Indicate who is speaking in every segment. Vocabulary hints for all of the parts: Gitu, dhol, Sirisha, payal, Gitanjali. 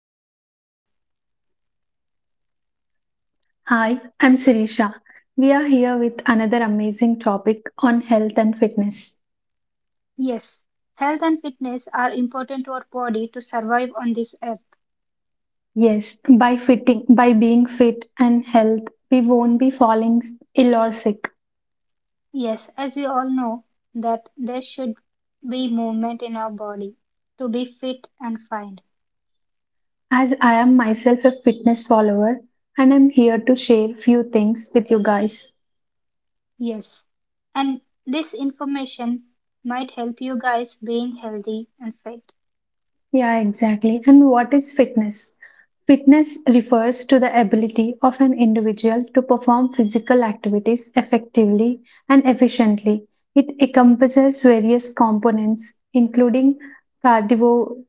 Speaker 1: fine and healthy.
Speaker 2: Hi, I'm Sirisha. We are here with another amazing topic on health and fitness.
Speaker 1: Yes, health and fitness are important to our body to survive on this earth.
Speaker 2: Yes, by being fit and health, we won't be falling ill or sick.
Speaker 1: Yes, as we all know that there should be movement in our body to be fit and fine.
Speaker 2: As I am myself a fitness follower and I'm here to share few things with you guys.
Speaker 1: Yes. And this information might help you guys being healthy and fit.
Speaker 2: Yeah, exactly. And what is fitness? Fitness refers to the ability of an individual to perform physical activities effectively and efficiently. It encompasses various components, including cardio,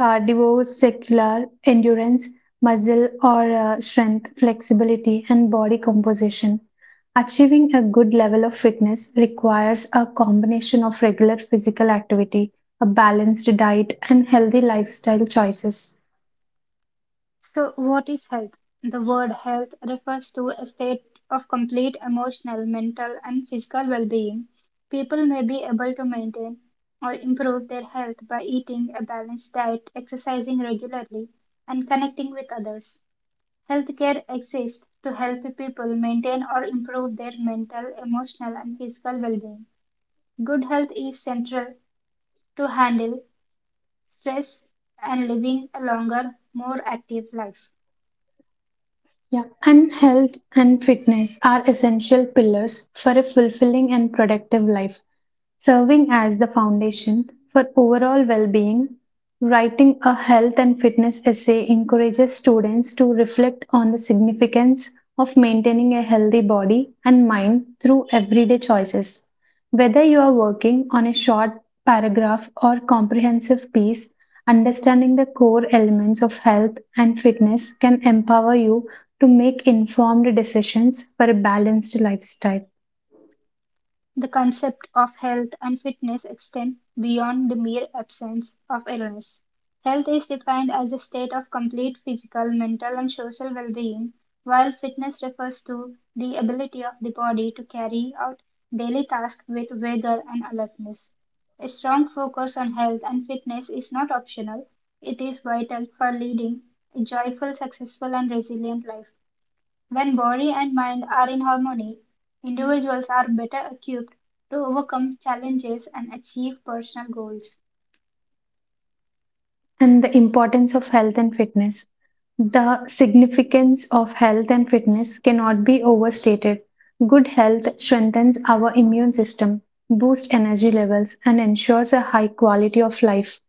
Speaker 2: cardiovascular endurance, muscle or strength, flexibility, and body composition. Achieving a good level of fitness requires a combination of regular physical activity, a balanced diet, and healthy lifestyle choices.
Speaker 1: So, what is health? The word health refers to a state of complete emotional, mental, and physical well being. People may be able to maintain or improve their health by eating a balanced diet, exercising regularly, and connecting with others. Healthcare exists to help people maintain or improve their mental, emotional, and physical well being. Good health is central to handle stress and living a longer, more active life.
Speaker 2: Yeah, and health and fitness are essential pillars for a fulfilling and productive life, serving as the foundation for overall well being. Writing a health and fitness essay encourages students to reflect on the significance of maintaining a healthy body and mind through everyday choices. Whether you are working on a short paragraph or comprehensive piece, understanding the core elements of health and fitness can empower you to make informed decisions for a balanced lifestyle.
Speaker 1: The concept of health and fitness extend beyond the mere absence of illness. Health is defined as a state of complete physical, mental, and social well being, while fitness refers to the ability of the body to carry out daily tasks with vigor and alertness. A strong focus on health and fitness is not optional, it is vital for leading a joyful, successful, and resilient life. When body and mind are in harmony, individuals are better equipped to overcome challenges and achieve personal goals.
Speaker 2: And the importance of health and fitness. The significance of health and fitness cannot be overstated. Good health strengthens our immune system, boosts energy levels, and ensures a high quality of life.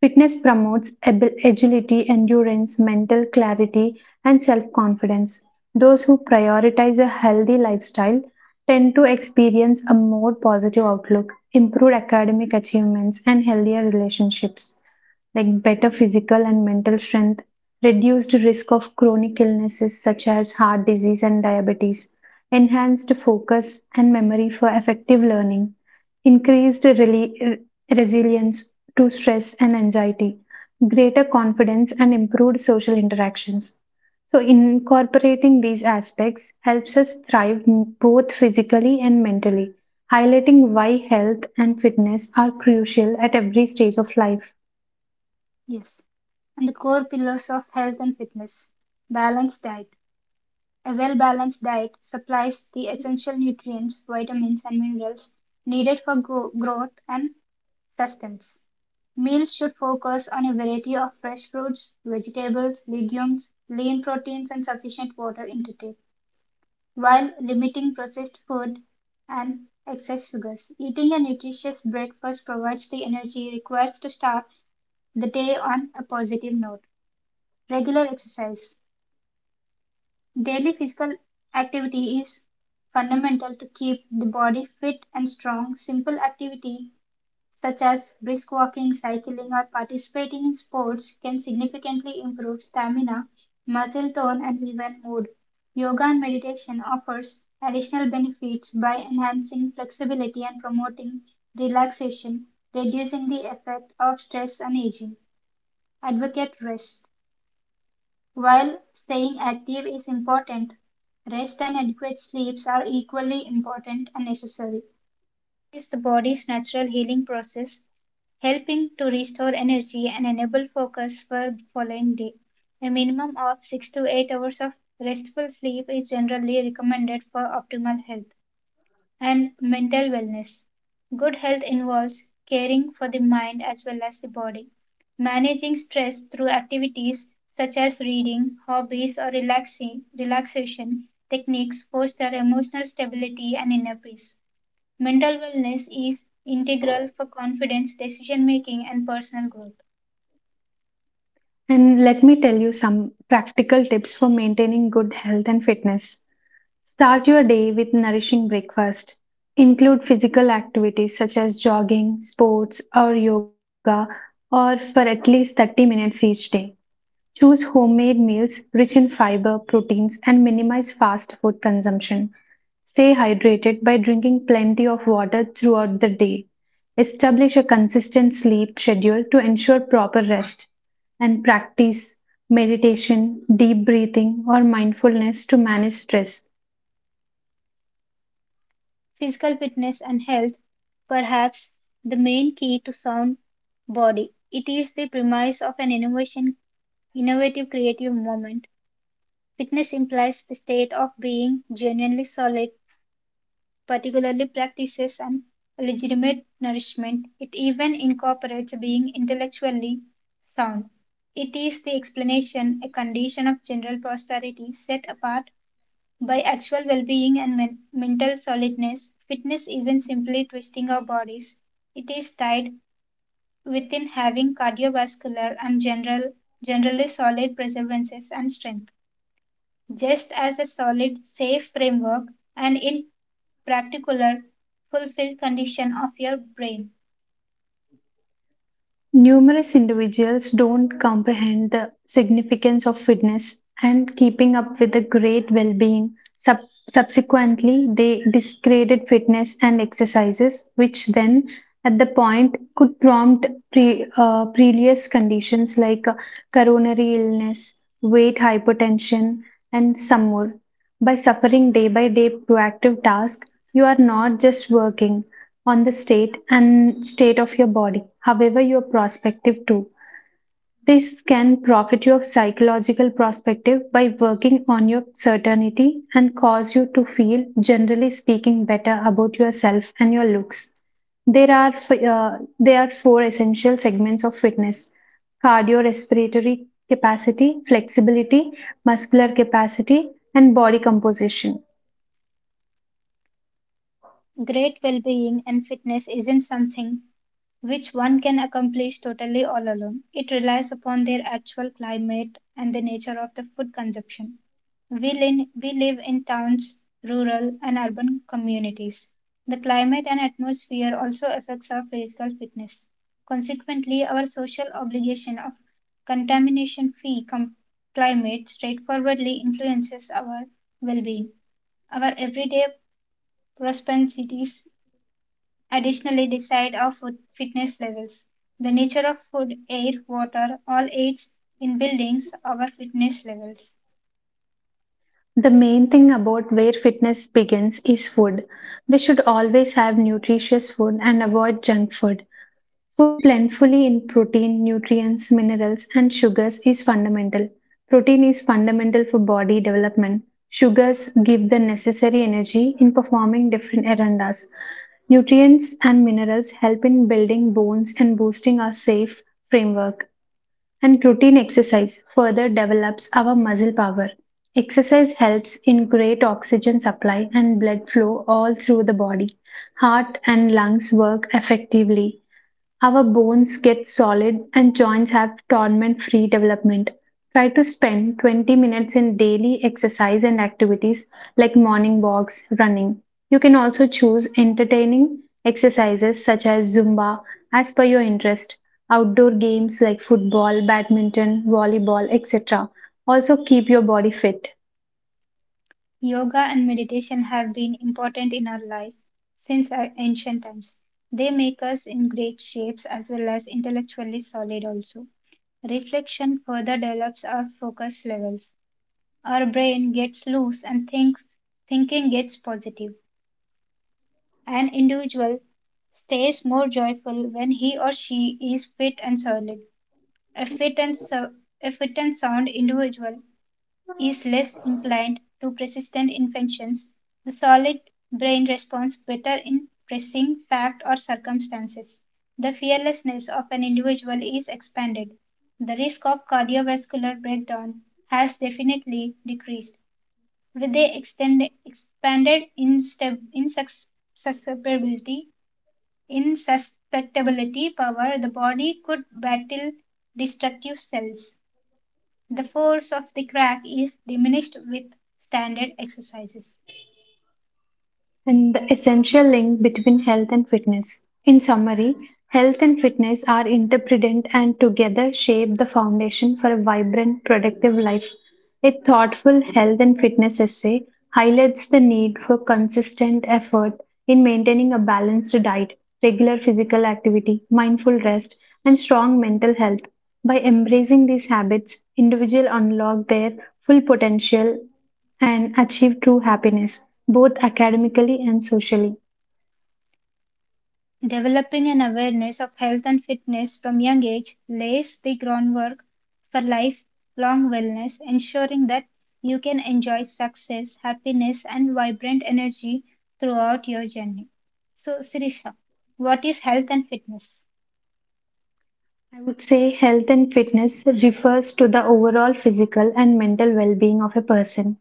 Speaker 2: Fitness promotes agility, endurance, mental clarity, and self confidence. Those who prioritize a healthy lifestyle tend to experience a more positive outlook, improved academic achievements, and healthier relationships like better physical and mental strength, reduced risk of chronic illnesses such as heart disease and diabetes, enhanced focus and memory for effective learning, increased resilience to stress and anxiety, greater confidence, and improved social interactions. So, incorporating these aspects helps us thrive both physically and mentally, highlighting why health and fitness are crucial at every stage of life.
Speaker 1: Yes. And the core pillars of health and fitness balanced diet. A well balanced diet supplies the essential nutrients, vitamins, and minerals needed for growth and sustenance. Meals should focus on a variety of fresh fruits, vegetables, legumes, lean proteins, and sufficient water intake, while limiting processed food and excess sugars. Eating a nutritious breakfast provides the energy required to start the day on a positive note. Regular exercise. Daily physical activity is fundamental to keep the body fit and strong. Simple activity such as brisk walking, cycling, or participating in sports, can significantly improve stamina, muscle tone, and even mood. Yoga and meditation offers additional benefits by enhancing flexibility and promoting relaxation, reducing the effect of stress and aging. Advocate rest. While staying active is important, rest and adequate sleeps are equally important and necessary is the body's natural healing process, helping to restore energy and enable focus for the following day. A minimum of 6 to 8 hours of restful sleep is generally recommended for optimal health and mental wellness. Good health involves caring for the mind as well as the body, managing stress through activities such as reading, hobbies, or relaxing, relaxation techniques foster emotional stability and inner peace. Mental wellness is integral for confidence, decision making, and personal growth.
Speaker 2: And let me tell you some practical tips for maintaining good health and fitness. Start your day with nourishing breakfast. Include physical activities such as jogging, sports, or yoga, or for at least 30 minutes each day. Choose homemade meals rich in fiber, proteins, and minimize fast food consumption. Stay hydrated by drinking plenty of water throughout the day. Establish a consistent sleep schedule to ensure proper rest. And practice meditation, deep breathing, or mindfulness to manage stress.
Speaker 1: Physical fitness and health, perhaps the main key to sound body. It is the premise of an innovative creative movement. Fitness implies the state of being genuinely solid, particularly practices and legitimate nourishment. It even incorporates being intellectually sound. It is the explanation, a condition of general prosperity set apart by actual well being and mental solidness. Fitness isn't simply twisting our bodies, it is tied within having cardiovascular and generally solid preservances and strength. Just as a solid, safe framework and in particular, fulfilled condition of your brain.
Speaker 2: Numerous individuals don't comprehend the significance of fitness and keeping up with the great well being. Subsequently, they discredit fitness and exercises, which then at the point could prompt previous conditions like coronary illness, weight hypertension, and some more. By suffering day by day proactive tasks, you are not just working on the state and state of your body, however, your prospective too. This can profit your psychological perspective by working on your certainty and cause you to feel, generally speaking, better about yourself and your looks. There are uh, there are four essential segments of fitness: cardiorespiratory capacity, flexibility, muscular capacity, and body composition.
Speaker 1: Great well being and fitness isn't something which one can accomplish totally all alone. It relies upon their actual climate and the nature of the food consumption. We live in towns, rural, and urban communities. The climate and atmosphere also affects our physical fitness. Consequently, our social obligation of contamination free climate straightforwardly influences our well being. Our everyday propensities additionally, decide our food fitness levels. The nature of food, air, water all aids in building our fitness levels.
Speaker 2: The main thing about where fitness begins is food. We should always have nutritious food and avoid junk food. Food plentifully in protein, nutrients, minerals, and sugars is fundamental. Protein is fundamental for body development. Sugars give the necessary energy in performing different errands. Nutrients and minerals help in building bones and boosting our safe framework and routine exercise further develops our muscle power. Exercise helps in great oxygen supply and blood flow all through the body. Heart and lungs work effectively, our bones get solid and joints have torment free development. Try to spend 20 minutes in daily exercise and activities like morning walks, running. You can also choose entertaining exercises such as Zumba as per your interest, outdoor games like football, badminton, volleyball, etc. Also, keep your body fit.
Speaker 1: Yoga and meditation have been important in our life since ancient times. They make us in great shapes as well as intellectually solid also. Reflection further develops our focus levels. Our brain gets loose and thinks thinking gets positive. An individual stays more joyful when he or she is fit and solid. A fit and, so- a fit and sound individual is less inclined to persistent inventions. The solid brain responds better in pressing fact or circumstances. The fearlessness of an individual is expanded. The risk of cardiovascular breakdown has definitely decreased with the expanded susceptibility in susceptibility, power, the body could battle destructive cells. The force of the crack is diminished with standard exercises.
Speaker 2: And the essential link between health and fitness. In summary, health and fitness are interdependent and together shape the foundation for a vibrant, productive life. A thoughtful health and fitness essay highlights the need for consistent effort in maintaining a balanced diet, regular physical activity, mindful rest, and strong mental health. By embracing these habits, individuals unlock their full potential and achieve true happiness both academically and socially.
Speaker 1: Developing an awareness of health and fitness from young age lays the groundwork for lifelong wellness, ensuring that you can enjoy success, happiness, and vibrant energy throughout your journey. So, Sirisha, what is health and fitness?
Speaker 2: I would say health and fitness refers to the overall physical and mental well being of a person,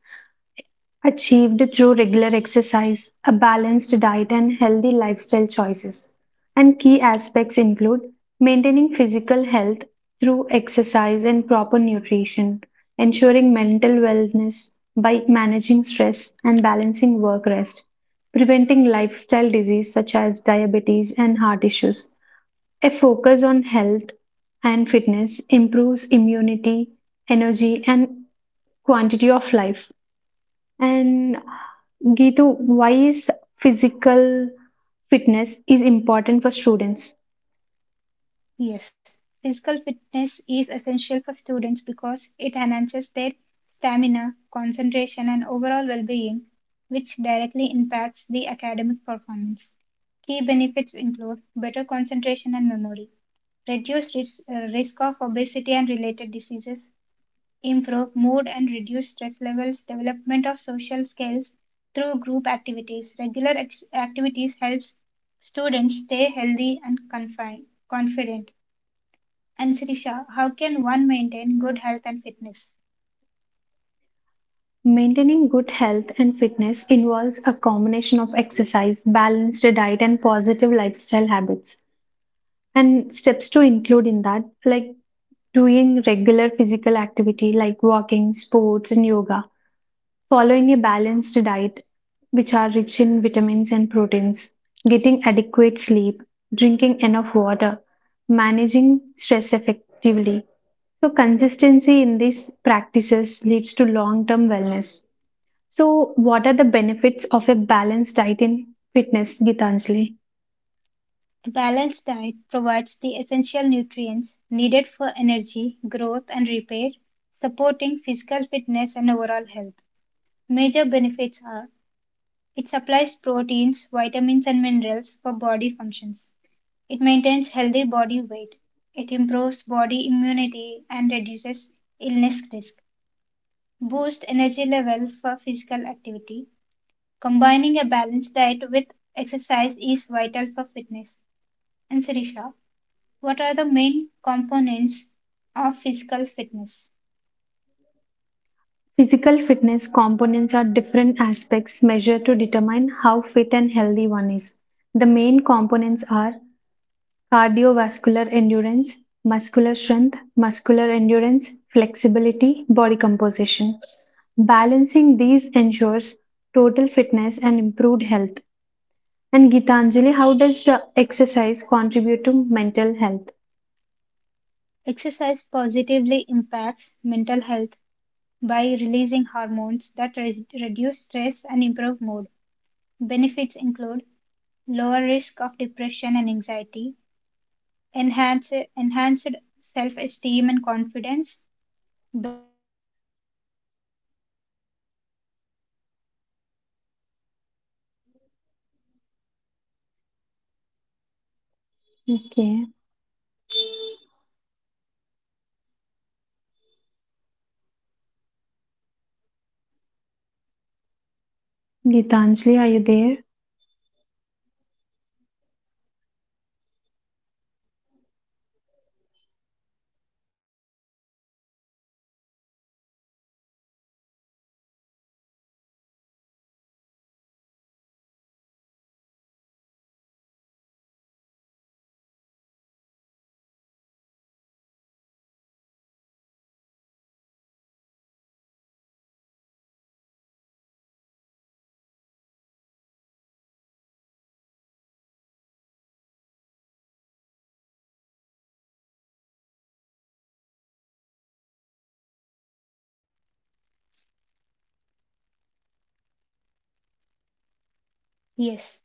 Speaker 2: achieved through regular exercise, a balanced diet, and healthy lifestyle choices. And key aspects include maintaining physical health through exercise and proper nutrition, ensuring mental wellness by managing stress and balancing work rest, preventing lifestyle disease such as diabetes and heart issues. A focus on health and fitness improves immunity, energy, and quantity of life. And Gitu, why is physical fitness is important for students?
Speaker 1: Yes, physical fitness is essential for students because it enhances their stamina, concentration, and overall well being, which directly impacts the academic performance. Key benefits include better concentration and memory, reduced risk of obesity and related diseases, improve mood and reduce stress levels, development of social skills through group activities. Regular ex- activities helps students stay healthy and confident, and Sirisha, how can one maintain good health and fitness?
Speaker 2: Maintaining good health and fitness involves a combination of exercise, balanced diet, and positive lifestyle habits. And steps to include in that, like doing regular physical activity like walking, sports, and yoga following a balanced diet, which are rich in vitamins and proteins, getting adequate sleep, drinking enough water, managing stress effectively. So, consistency in these practices leads to long term wellness. So, what are the benefits of a balanced diet in fitness, Gitanjali?
Speaker 1: A balanced diet provides the essential nutrients needed for energy, growth, and repair, supporting physical fitness and overall health. Major benefits are it supplies proteins, vitamins, and minerals for body functions. It maintains healthy body weight. It improves body immunity and reduces illness risk. Boosts energy level for physical activity. Combining a balanced diet with exercise is vital for fitness. And Sirisha, what are the main components of physical fitness?
Speaker 2: Physical fitness components are different aspects measured to determine how fit and healthy one is. The main components are cardiovascular endurance, muscular strength, muscular endurance, flexibility, body composition. Balancing these ensures total fitness and improved health. And Gitanjali, how does exercise contribute to mental health?
Speaker 1: Exercise positively impacts mental health by releasing hormones that reduce stress and improve mood. Benefits include lower risk of depression and anxiety, enhanced self
Speaker 2: Okay. Gitanjali, are you there?
Speaker 3: Yes.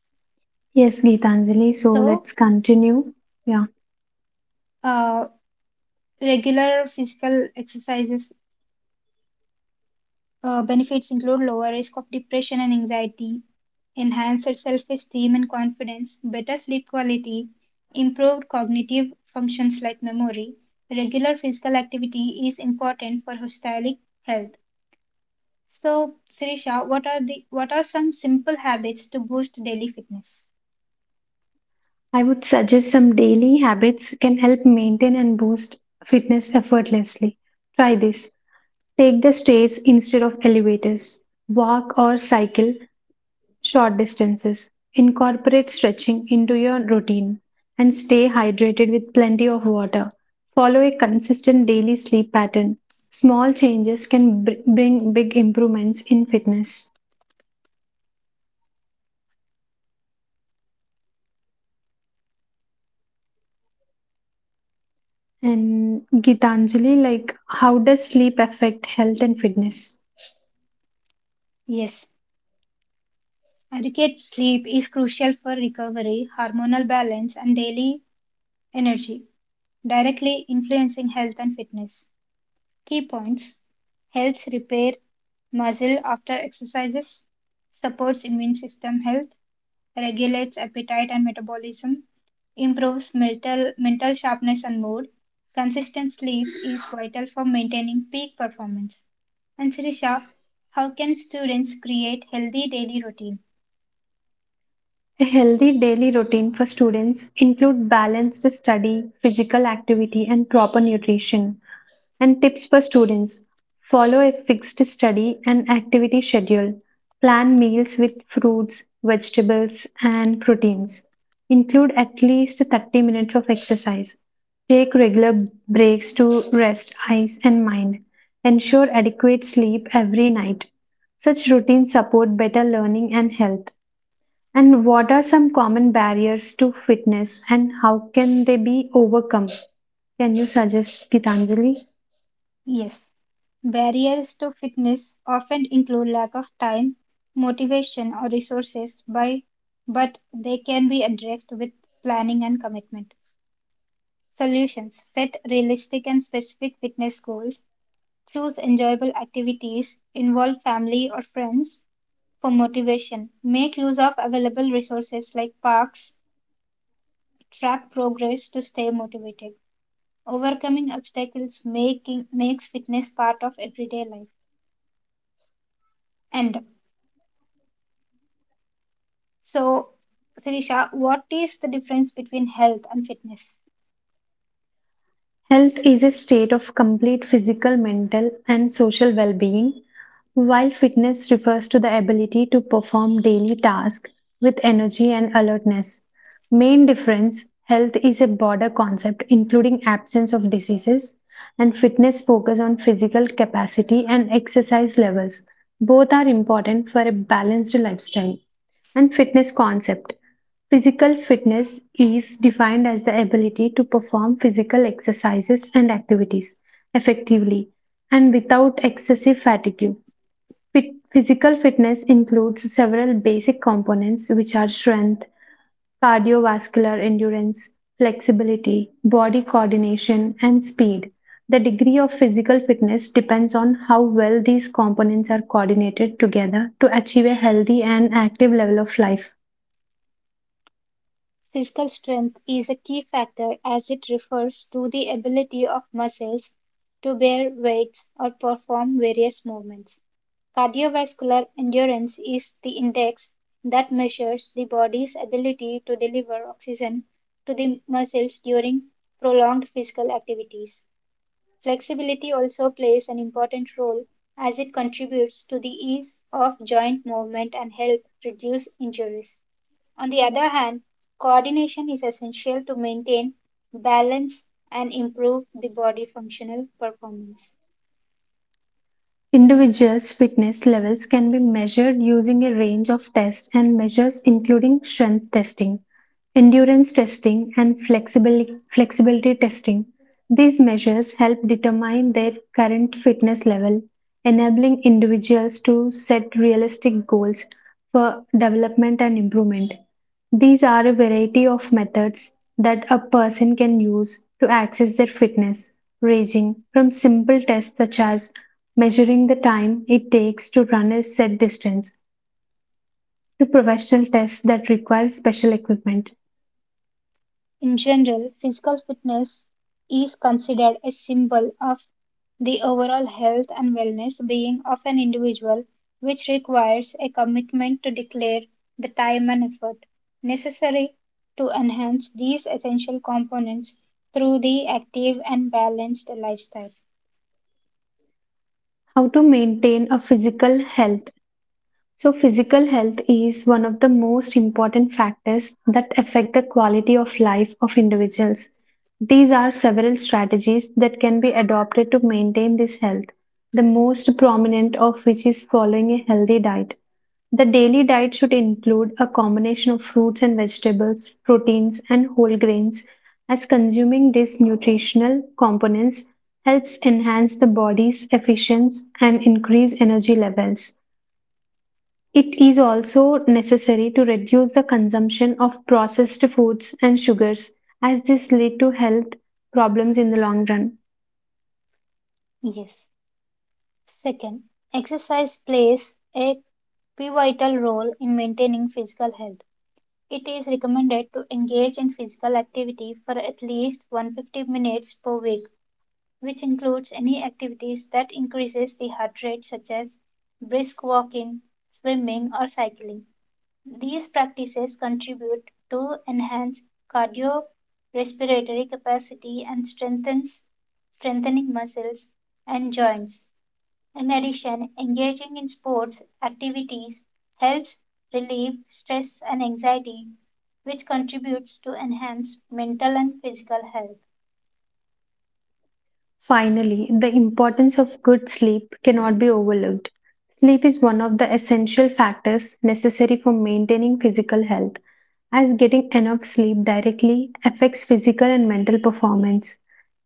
Speaker 2: Yes, Gitanjali. So
Speaker 3: So,
Speaker 2: let's continue. Yeah.
Speaker 3: uh, regular physical exercises benefits include lower risk of depression and anxiety, enhanced self-esteem and confidence, better sleep quality, improved cognitive functions like memory. Regular physical activity is important for holistic health. So, Sirisha, what are some simple habits to boost daily fitness?
Speaker 2: I would suggest some daily habits can help maintain and boost fitness effortlessly. Try this. Take the stairs instead of elevators. Walk or cycle short distances. Incorporate stretching into your routine and stay hydrated with plenty of water. Follow a consistent daily sleep pattern. Small changes can bring big improvements in fitness. And Gitanjali, like, how does sleep affect health and fitness?
Speaker 3: Yes, adequate sleep is crucial for recovery, hormonal balance, and daily energy, directly influencing health and fitness. Key points: helps repair muscle after exercises, supports immune system health, regulates appetite and metabolism, improves mental sharpness and mood. Consistent sleep is vital for maintaining peak performance. And Sirisha, how can students create healthy daily routines?
Speaker 2: A healthy daily routine for students include balanced study, physical activity, and proper nutrition. And tips for students follow a fixed study and activity schedule. Plan meals with fruits, vegetables, and proteins. Include at least 30 minutes of exercise. Take regular breaks to rest eyes and mind. Ensure adequate sleep every night. Such routines support better learning and health. And what are some common barriers to fitness and how can they be overcome? Can you suggest Gitanjali?
Speaker 3: Yes, barriers to fitness often include lack of time, motivation, or resources, but they can be addressed with planning and commitment. Solutions: set realistic and specific fitness goals, choose enjoyable activities, involve family or friends for motivation, make use of available resources like parks, track progress to stay motivated. Overcoming obstacles makes fitness part of everyday life. End. So, Sirisha, what is the difference between health and fitness?
Speaker 2: Health is a state of complete physical, mental, and social well being, while fitness refers to the ability to perform daily tasks with energy and alertness. Main difference health is a broader concept including absence of diseases, and fitness focus on physical capacity and exercise levels. Both are important for a balanced lifestyle and fitness concept. Physical fitness is defined as the ability to perform physical exercises and activities effectively and without excessive fatigue. Physical fitness includes several basic components, which are strength, cardiovascular endurance, flexibility, body coordination, and speed. The degree of physical fitness depends on how well these components are coordinated together to achieve a healthy and active level of life.
Speaker 3: Physical strength is a key factor as it refers to the ability of muscles to bear weights or perform various movements. Cardiovascular endurance is the index that measures the body's ability to deliver oxygen to the muscles during prolonged physical activities. Flexibility also plays an important role as it contributes to the ease of joint movement and helps reduce injuries. On the other hand, coordination is essential to maintain balance and improve the body functional performance.
Speaker 2: Individuals' fitness levels can be measured using a range of tests and measures, including strength testing, endurance testing, and flexibility testing. These measures help determine their current fitness level, enabling individuals to set realistic goals for development and improvement. These are a variety of methods that a person can use to access their fitness, ranging from simple tests such as measuring the time it takes to run a set distance to professional tests that require special equipment.
Speaker 3: In general, physical fitness is considered a symbol of the overall health and wellness being of an individual, which requires a commitment to declare the time and effort necessary to enhance these essential components through the active and balanced lifestyle.
Speaker 2: How to maintain a physical health. So, physical health is one of the most important factors that affect the quality of life of individuals. These are several strategies that can be adopted to maintain this health, the most prominent of which is following a healthy diet. The daily diet should include a combination of fruits and vegetables, proteins, and whole grains, as consuming these nutritional components helps enhance the body's efficiency and increase energy levels. It is also necessary to reduce the consumption of processed foods and sugars, as this lead to health problems in the long run.
Speaker 3: Yes. Second, exercise plays a pivotal role in maintaining physical health. It is recommended to engage in physical activity for at least 150 minutes per week, which includes any activities that increases the heart rate such as brisk walking, swimming or cycling. These practices contribute to enhance cardiorespiratory capacity and strengthens strengthening muscles and joints. In addition, engaging in sports activities helps relieve stress and anxiety, which contributes to enhance mental and physical health.
Speaker 2: Finally, the importance of good sleep cannot be overlooked. Sleep is one of the essential factors necessary for maintaining physical health, as getting enough sleep directly affects physical and mental performance.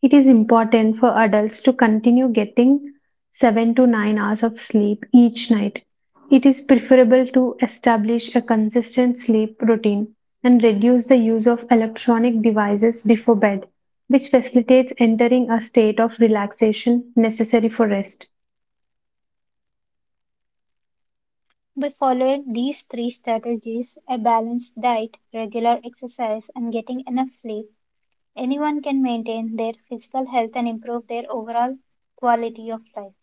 Speaker 2: It is important for adults to continue getting 7 to 9 hours of sleep each night. It is preferable to establish a consistent sleep routine and reduce the use of electronic devices before bed which facilitates entering a state of relaxation necessary for rest.
Speaker 3: By following these three strategies, a balanced diet, regular exercise, and getting enough sleep, anyone can maintain their physical health and improve their overall quality of life.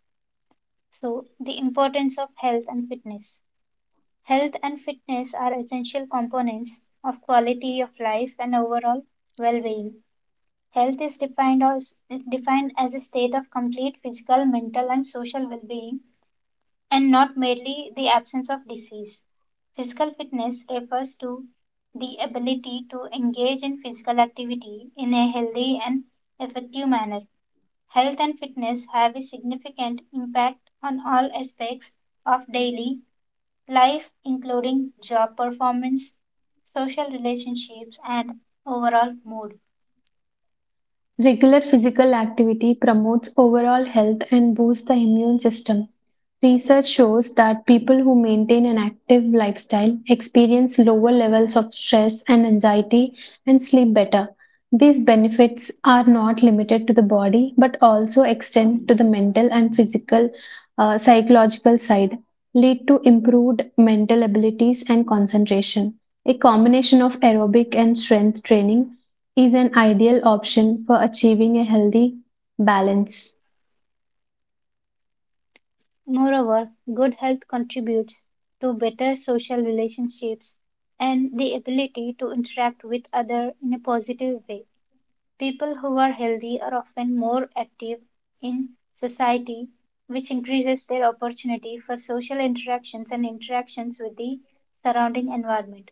Speaker 3: So, the importance of health and fitness. Health and fitness are essential components of quality of life and overall well-being. Health is defined as a state of complete physical, mental, and social well-being, and not merely the absence of disease. Physical fitness refers to the ability to engage in physical activity in a healthy and effective manner. Health and fitness have a significant impact on all aspects of daily life, including job performance, social relationships, and overall mood.
Speaker 2: Regular physical activity promotes overall health and boosts the immune system. Research shows that people who maintain an active lifestyle experience lower levels of stress and anxiety and sleep better. These benefits are not limited to the body but also extend to the mental and physical, psychological side, lead to improved mental abilities and concentration. A combination of aerobic and strength training is an ideal option for achieving a healthy balance.
Speaker 3: Moreover, good health contributes to better social relationships and the ability to interact with others in a positive way. People who are healthy are often more active in society, which increases their opportunity for social interactions and interactions with the surrounding environment.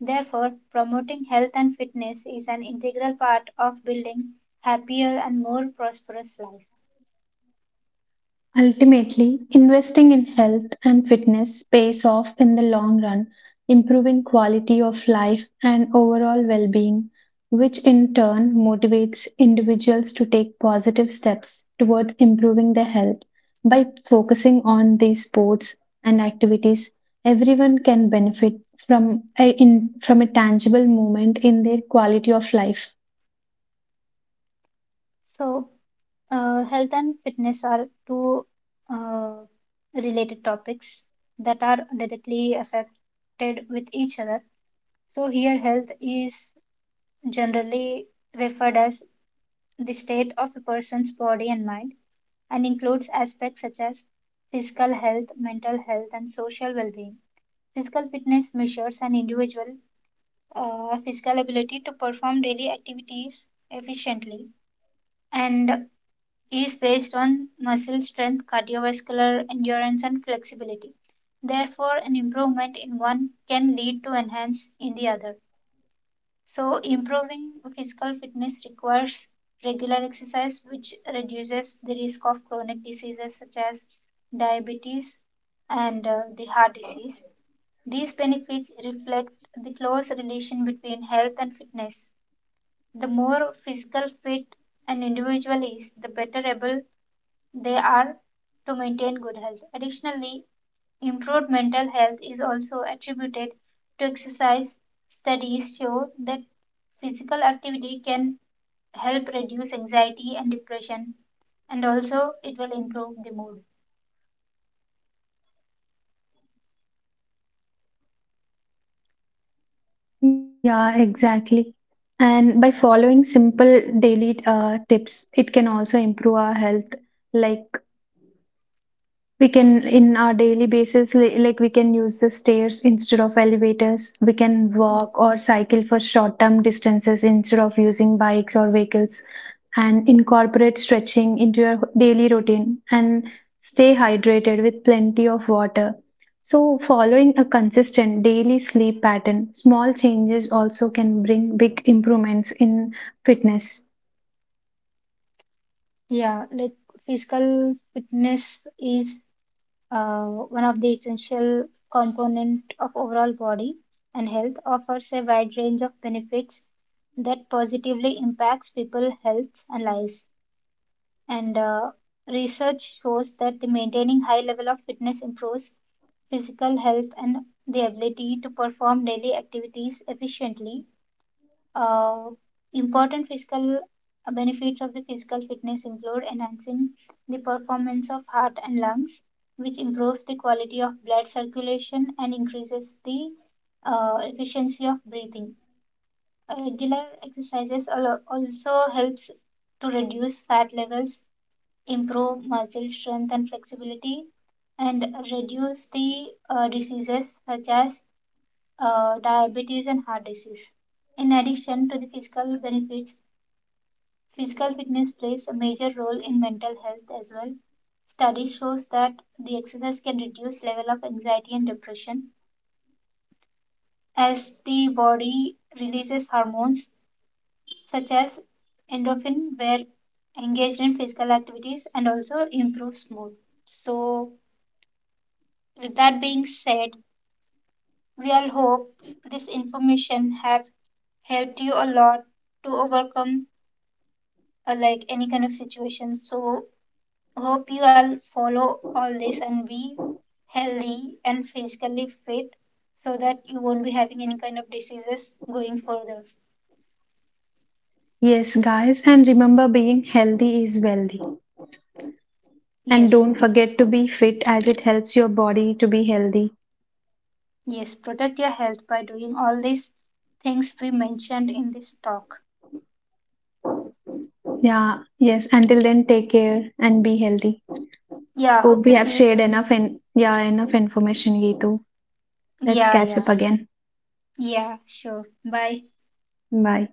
Speaker 3: Therefore, promoting health and fitness is an integral part of building happier and more prosperous life.
Speaker 2: Ultimately, investing in health and fitness pays off in the long run, improving quality of life and overall well being, which in turn motivates individuals to take positive steps towards improving their health. By focusing on these sports and activities, everyone can benefit from from a tangible moment in their quality of life.
Speaker 3: So, health and fitness are two uh, related topics that are directly affected with each other. So, here health is generally referred as the state of a person's body and mind, and includes aspects such as physical health, mental health, and social well being. Physical fitness measures an individual's physical ability to perform daily activities efficiently and is based on muscle strength, cardiovascular endurance, and flexibility. Therefore, an improvement in one can lead to enhance in the other. So, improving physical fitness requires regular exercise, which reduces the risk of chronic diseases such as diabetes and the heart disease. These benefits reflect the close relation between health and fitness. The more physically fit an individual is, the better able they are to maintain good health. Additionally, improved mental health is also attributed to exercise. Studies show that physical activity can help reduce anxiety and depression, and also it will improve the mood.
Speaker 2: Yeah, exactly. And by following simple daily tips, it can also improve our health, like we can in our daily basis like we can use the stairs instead of elevators, we can walk or cycle for short term distances instead of using bikes or vehicles, and incorporate stretching into your daily routine and stay hydrated with plenty of water. So, following a consistent daily sleep pattern, small changes also can bring big improvements in fitness.
Speaker 3: Yeah, like physical fitness is uh, one of the essential component of overall body and health, offers a wide range of benefits that positively impacts people's health and lives, and research shows that the maintaining high level of fitness improves physical health and the ability to perform daily activities efficiently. uh, Important physical benefits of the physical fitness include enhancing the performance of heart and lungs, which improves the quality of blood circulation and increases the efficiency of breathing. Regular exercises also helps to reduce fat levels, improve muscle strength and flexibility, and reduce the diseases such as diabetes, and heart disease. In addition to the physical benefits, physical fitness plays a major role in mental health as well. Study shows that the exercise can reduce level of anxiety and depression as the body releases hormones such as endorphin where engaged in physical activities and also improves mood. So, with that being said, we all hope this information have helped you a lot to overcome like any kind of situation. So hope you all follow all this and be healthy and physically fit so that you won't be having any kind of diseases going further.
Speaker 2: Yes guys, and remember being healthy is wealthy. And
Speaker 3: Yes,
Speaker 2: don't forget to be fit as it helps your body to be healthy.
Speaker 3: yes, protect your health by doing all these things we mentioned in this talk.
Speaker 2: Yeah, yes. Until then, take care and be healthy.
Speaker 3: Yeah,
Speaker 2: Hope
Speaker 3: hope
Speaker 2: we
Speaker 3: to
Speaker 2: have
Speaker 3: see you
Speaker 2: shared
Speaker 3: soon.
Speaker 2: enough and yeah, enough information, Gitu. Let's
Speaker 3: Yeah,
Speaker 2: catch up
Speaker 3: yeah,
Speaker 2: again.
Speaker 3: yeah, sure. Bye.
Speaker 2: Bye.